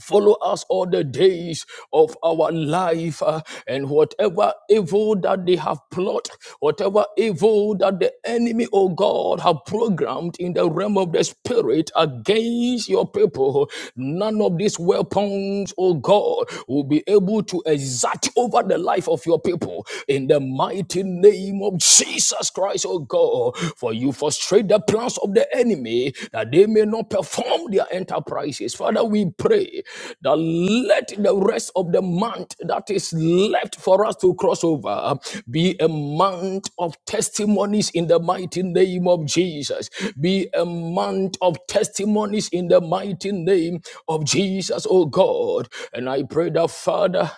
Speaker 4: Follow us all the days of our life, uh, and whatever evil that they have plotted, whatever evil that the enemy, oh God, have programmed in the realm of the spirit against your people, none of these weapons, oh God, will be able to exact over the life of your people in the mighty name of Jesus Christ, oh God. For you frustrate the plans of the enemy that they may not perform their enterprises. Father, we pray pray that let the rest of the month that is left for us to cross over be a month of testimonies in the mighty name of Jesus. Be a month of testimonies in the mighty name of Jesus, oh God. And I pray that, Father,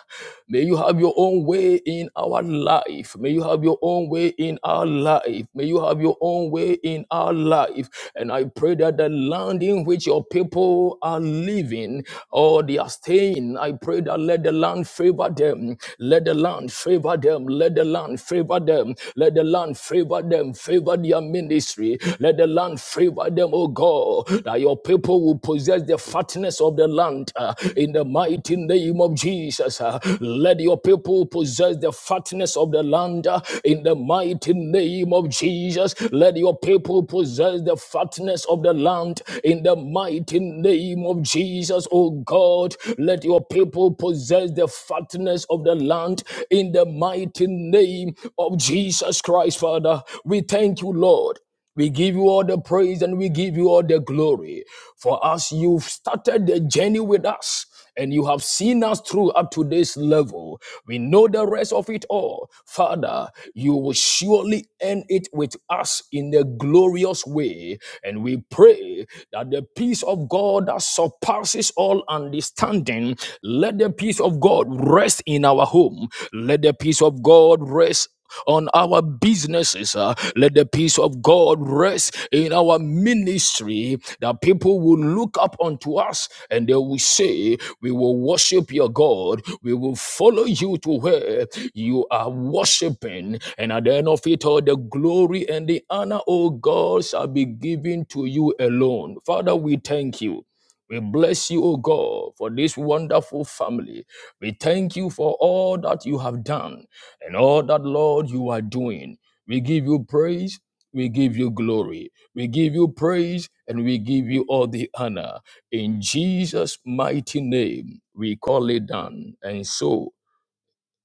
Speaker 4: may you have your own way in our life. May you have your own way in our life. May you have your own way in our life. And I pray that the land in which your people are living giving or they are staying. I pray that let the land favor them. Let the land favor them. Let the land favor them. Let the land favor them. Favor their ministry. Let the land favor them, oh God, that your people will possess the fatness of the land uh, in the mighty name of Jesus. uh. let your people possess the fatness of the land uh, in the mighty name of Jesus. Let your people possess the fatness of the land in the mighty name of Jesus, oh God, let your people possess the fatness of the land in the mighty name of Jesus Christ, Father. We thank you, Lord. We give you all the praise and we give you all the glory. For us, you've started the journey with us and you have seen us through up to this level. We know the rest of it all. Father, you will surely end it with us in a glorious way. And we pray that the peace of God that surpasses all understanding, let the peace of God rest in our home. Let the peace of God rest on our businesses. uh, let the peace of God rest in our ministry that people will look up unto us and they will say, We will worship your God. We will follow you to where you are worshiping. And at the end of it all, the glory and the honor, O God, shall be given to you alone. Father, we thank you. We bless you, O God, for this wonderful family. We thank you for all that you have done and all that, Lord, you are doing. We give you praise. We give you glory. We give you praise and we give you all the honor. In Jesus' mighty name, we call it done. And so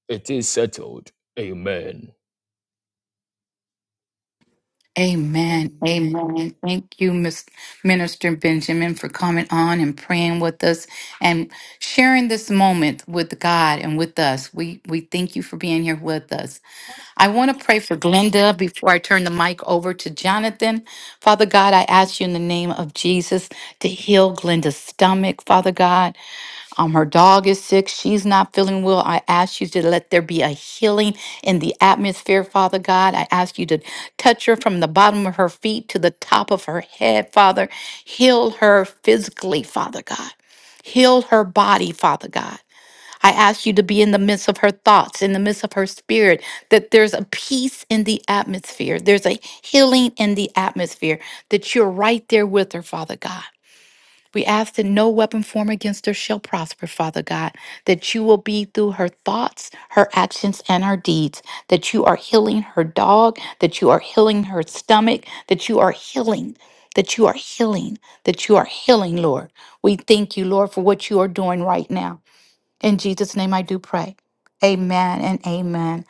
Speaker 4: it is settled. Amen.
Speaker 2: Amen. Amen. Thank you, Miss Minister Benjamin, for coming on and praying with us and sharing this moment with God and with us. We we thank you for being here with us. I want to pray for Glenda before I turn the mic over to Jonathan. Father God, I ask you in the name of Jesus to heal Glenda's stomach, Father God. Um, her dog is sick. She's not feeling well. I ask you to let there be a healing in the atmosphere, Father God. I ask you to touch her from the bottom of her feet to the top of her head, Father. Heal her physically, Father God. Heal her body, Father God. I ask you to be in the midst of her thoughts, in the midst of her spirit, that there's a peace in the atmosphere. There's a healing in the atmosphere, that you're right there with her, Father God. We ask that no weapon formed against her shall prosper, Father God, that you will be through her thoughts, her actions, and her deeds, that you are healing her dog, that you are healing her stomach, that you are healing, that you are healing, that you are healing, Lord. We thank you, Lord, for what you are doing right now. In Jesus' name I do pray. Amen and amen.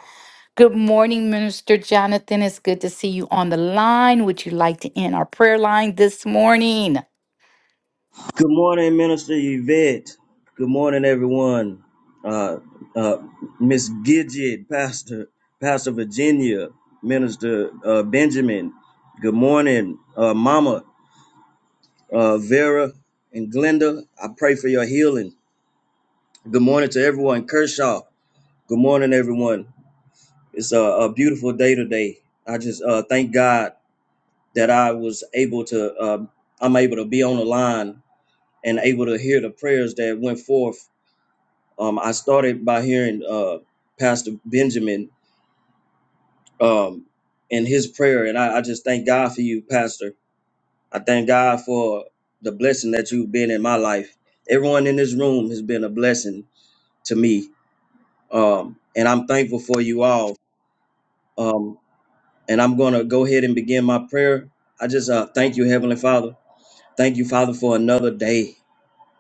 Speaker 2: Good morning, Minister Jonathan. It's good to see you on the line. Would you like to end our prayer line this morning?
Speaker 5: Good morning, Minister Yvette. Good morning, everyone. Uh, uh, Miss Gidget, Pastor, Pastor Virginia, Minister uh, Benjamin. Good morning, uh, Mama uh, Vera and Glenda. I pray for your healing. Good morning to everyone, Kershaw. Good morning, everyone. It's a, a beautiful day today. I just uh, thank God that I was able to. Uh, I'm able to be on the line and able to hear the prayers that went forth Um, I started by hearing uh, Pastor Benjamin um, in his prayer, and I, I just thank God for you, Pastor. I thank God for the blessing that you've been in my life. Everyone in this room has been a blessing to me, um, and I'm thankful for you all. Um, and I'm going to go ahead and begin my prayer. I just uh, thank you, Heavenly Father. Thank you, Father, for another day.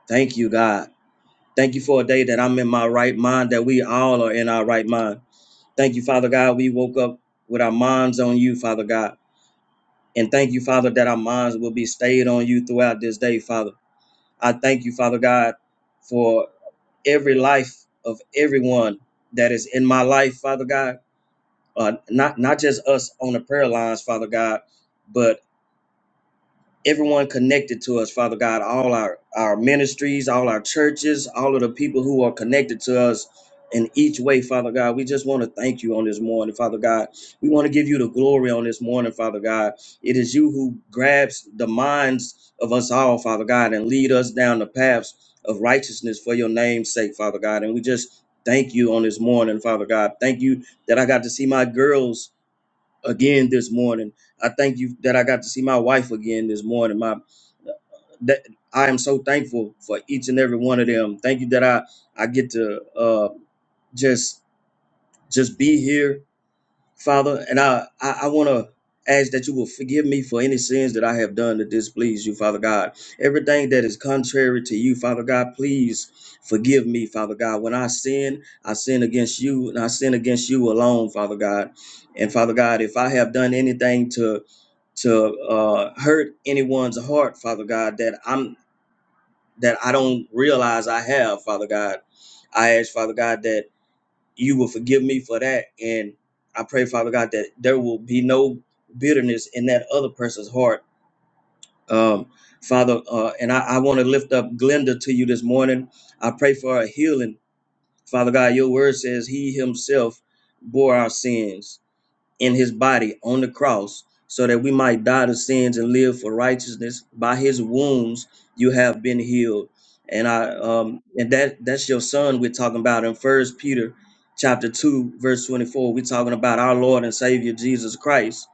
Speaker 5: Thank you, God. Thank you for a day that I'm in my right mind, that we all are in our right mind. Thank you, Father God. We woke up with our minds on you, Father God. And thank you, Father, that our minds will be stayed on you throughout this day, Father. I thank you, Father God, for every life of everyone that is in my life, Father God. Uh, not not just us on the prayer lines, Father God, but everyone connected to us, Father God, all our, our ministries, all our churches, all of the people who are connected to us in each way, Father God. We just want to thank you on this morning, Father God. We want to give you the glory on this morning, Father God. It is you who grabs the minds of us all, Father God, and lead us down the paths of righteousness for your name's sake, Father God. And we just thank you on this morning, Father God. Thank you that I got to see my girls again this morning. I thank you that I got to see my wife again this morning, my that I am so thankful for each and every one of them. Thank you that I I get to uh, just just be here, Father. And I I, I want to ask that you will forgive me for any sins that I have done to displease you, Father God. Everything that is contrary to you, Father God, please forgive me, Father God. When I sin, I sin against you, and I sin against you alone, Father God. And Father God, if I have done anything to to uh, hurt anyone's heart, Father God, that I'm that I don't realize I have, Father God. I ask, Father God, that you will forgive me for that. And I pray, Father God, that there will be no bitterness in that other person's heart. Um, Father, uh, and I, I want to lift up Glenda to you this morning. I pray for her healing. Father God, your word says he himself bore our sins in his body on the cross so that we might die to sins and live for righteousness by his wounds you have been healed and i um and that that's your son we're talking about in first peter chapter 2 verse 24 we're talking about our lord and savior jesus christ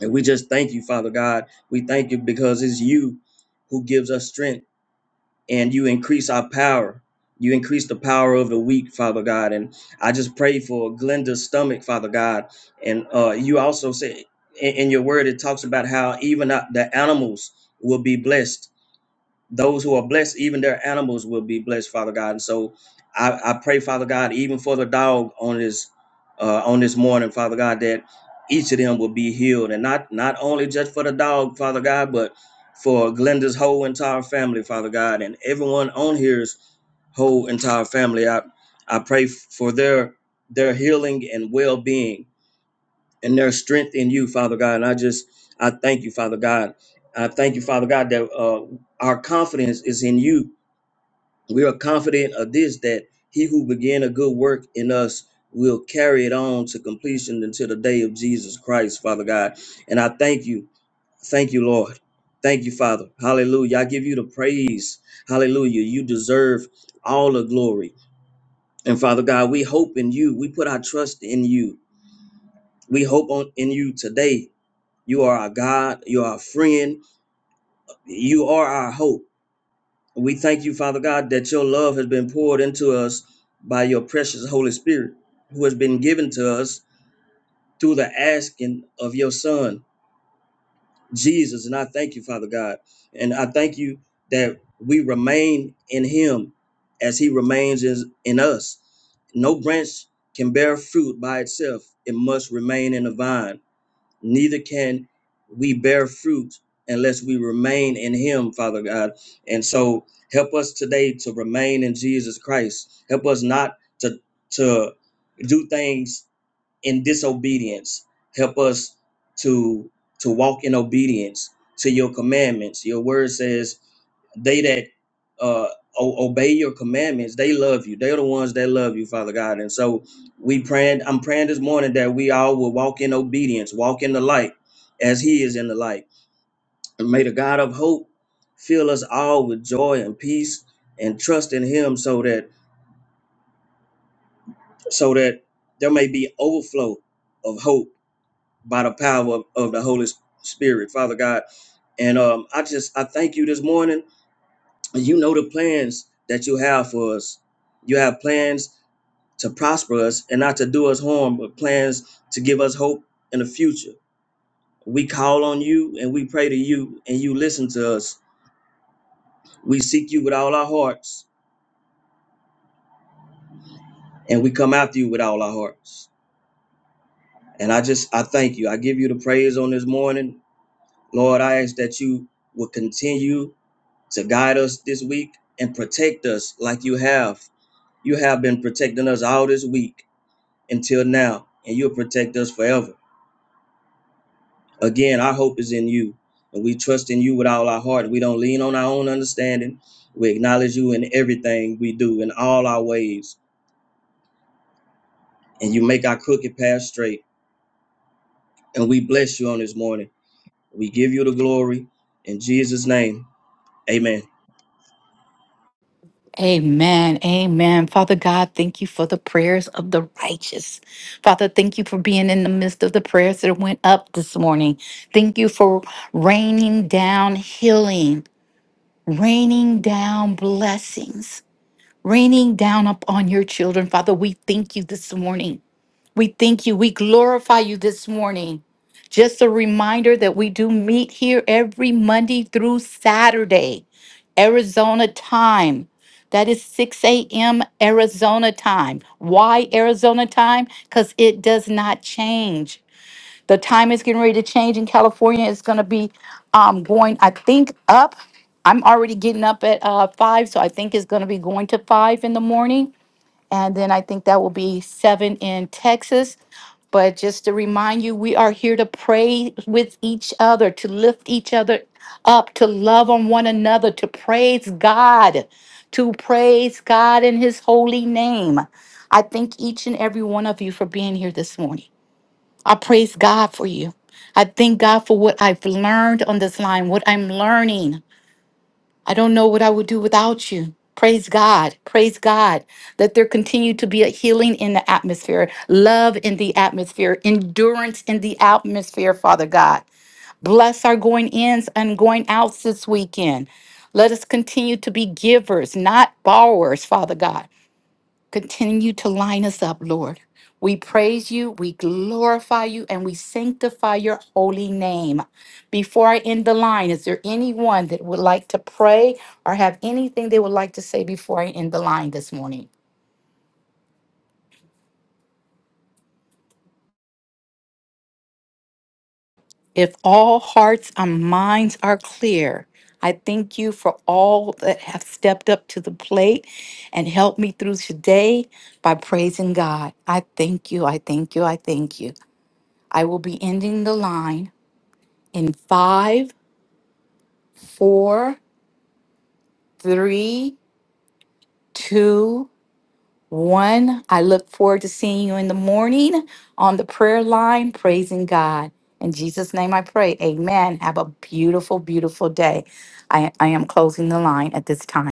Speaker 5: and we just thank you father god we thank you because it's you who gives us strength and you increase our power. You increase the power of the weak, Father God. And I just pray for Glenda's stomach, Father God. And uh, you also say in, in your word, it talks about how even uh, the animals will be blessed those who are blessed, even their animals will be blessed, Father God. And so I, I pray, Father God, even for the dog on this uh, on this morning, Father God, that each of them will be healed, and not not only just for the dog, Father God, but for Glenda's whole entire family, Father God, and everyone on here's whole entire family. I I pray for their their healing and well being and there's strength in you, Father God. And I just, I thank you, Father God. I thank you, Father God, that uh, our confidence is in you. We are confident of this, that he who began a good work in us will carry it on to completion until the day of Jesus Christ, Father God. And I thank you. Thank you, Lord. Thank you, Father. Hallelujah. I give you the praise. Hallelujah. You deserve all the glory. And Father God, we hope in you. We put our trust in you. We hope on in you today you are our God. You are our friend. You are our hope. We thank you, Father God, that your love has been poured into us by your precious Holy Spirit, who has been given to us through the asking of your Son, Jesus. And I thank you, Father God. And I thank you that we remain in him as he remains is- in us. No branch can bear fruit by itself, it must remain in the vine. neither can we bear fruit unless we remain in him father god and so help us today to remain in jesus christ help us not to to do things in disobedience help us to to walk in obedience to your commandments your word says they that uh, o- obey your commandments, they love you. They're the ones that love you, Father God. And so we praying. I'm praying this morning that we all will walk in obedience, walk in the light, as He is in the light. And may the God of hope fill us all with joy and peace and trust in Him, so that so that there may be overflow of hope by the power of, of the Holy Spirit, Father God. And um, I just I thank you this morning you know the plans that you have for us. You have plans to prosper us and not to do us harm, but plans to give us hope in the future. We call on you and we pray to you and you listen to us. We seek you with all our hearts and we come after you with all our hearts. And I just, I thank you. I give you the praise on this morning. Lord, I ask that you will continue to guide us this week and protect us like you have. You have been protecting us all this week until now, and you'll protect us forever. Again, our hope is in you, and we trust in you with all our heart. We don't lean on our own understanding. We acknowledge you in everything we do, in all our ways, and you make our crooked path straight. And we bless you on this morning. We give you the glory in Jesus' name. Amen.
Speaker 2: Amen. Amen. Father God, thank you for the prayers of the righteous. Father, thank you for being in the midst of the prayers that went up this morning. Thank you for raining down healing, raining down blessings, raining down upon your children. Father, we thank you this morning. We thank you. We glorify you this morning. Just a reminder that we do meet here every Monday through Saturday, Arizona time. That is 6 a.m. Arizona time. Why Arizona time? Because it does not change. The time is getting ready to change in California. It's going to be um, going, I think, up. I'm already getting up at uh, 5, so I think it's going to be going to 5 in the morning and then I think that will be seven in Texas. But just to remind you, we are here to pray with each other, to lift each other up, to love on one another, to praise God, to praise God in His holy name. I thank each and every one of you for being here this morning. I praise God for you. I thank God for what I've learned on this line, what I'm learning I don't know what I would do without you. Praise God. Praise God. Let there continue to be a healing in the atmosphere, love in the atmosphere, endurance in the atmosphere, Father God. Bless our going ins and going outs this weekend. Let us continue to be givers, not borrowers, Father God. Continue to line us up, Lord. We praise you, we glorify you, and we sanctify your holy name. Before I end the line, is there anyone that would like to pray or have anything they would like to say before I end the line this morning? If all hearts and minds are clear, I thank you for all that have stepped up to the plate and helped me through today by praising God. I thank you, I thank you, I thank you. I will be ending the line in five, four, three, two, one. I look forward to seeing you in the morning on the prayer line, praising God. In Jesus' name I pray. Amen. Have a beautiful, beautiful day. I, I am closing the line at this time.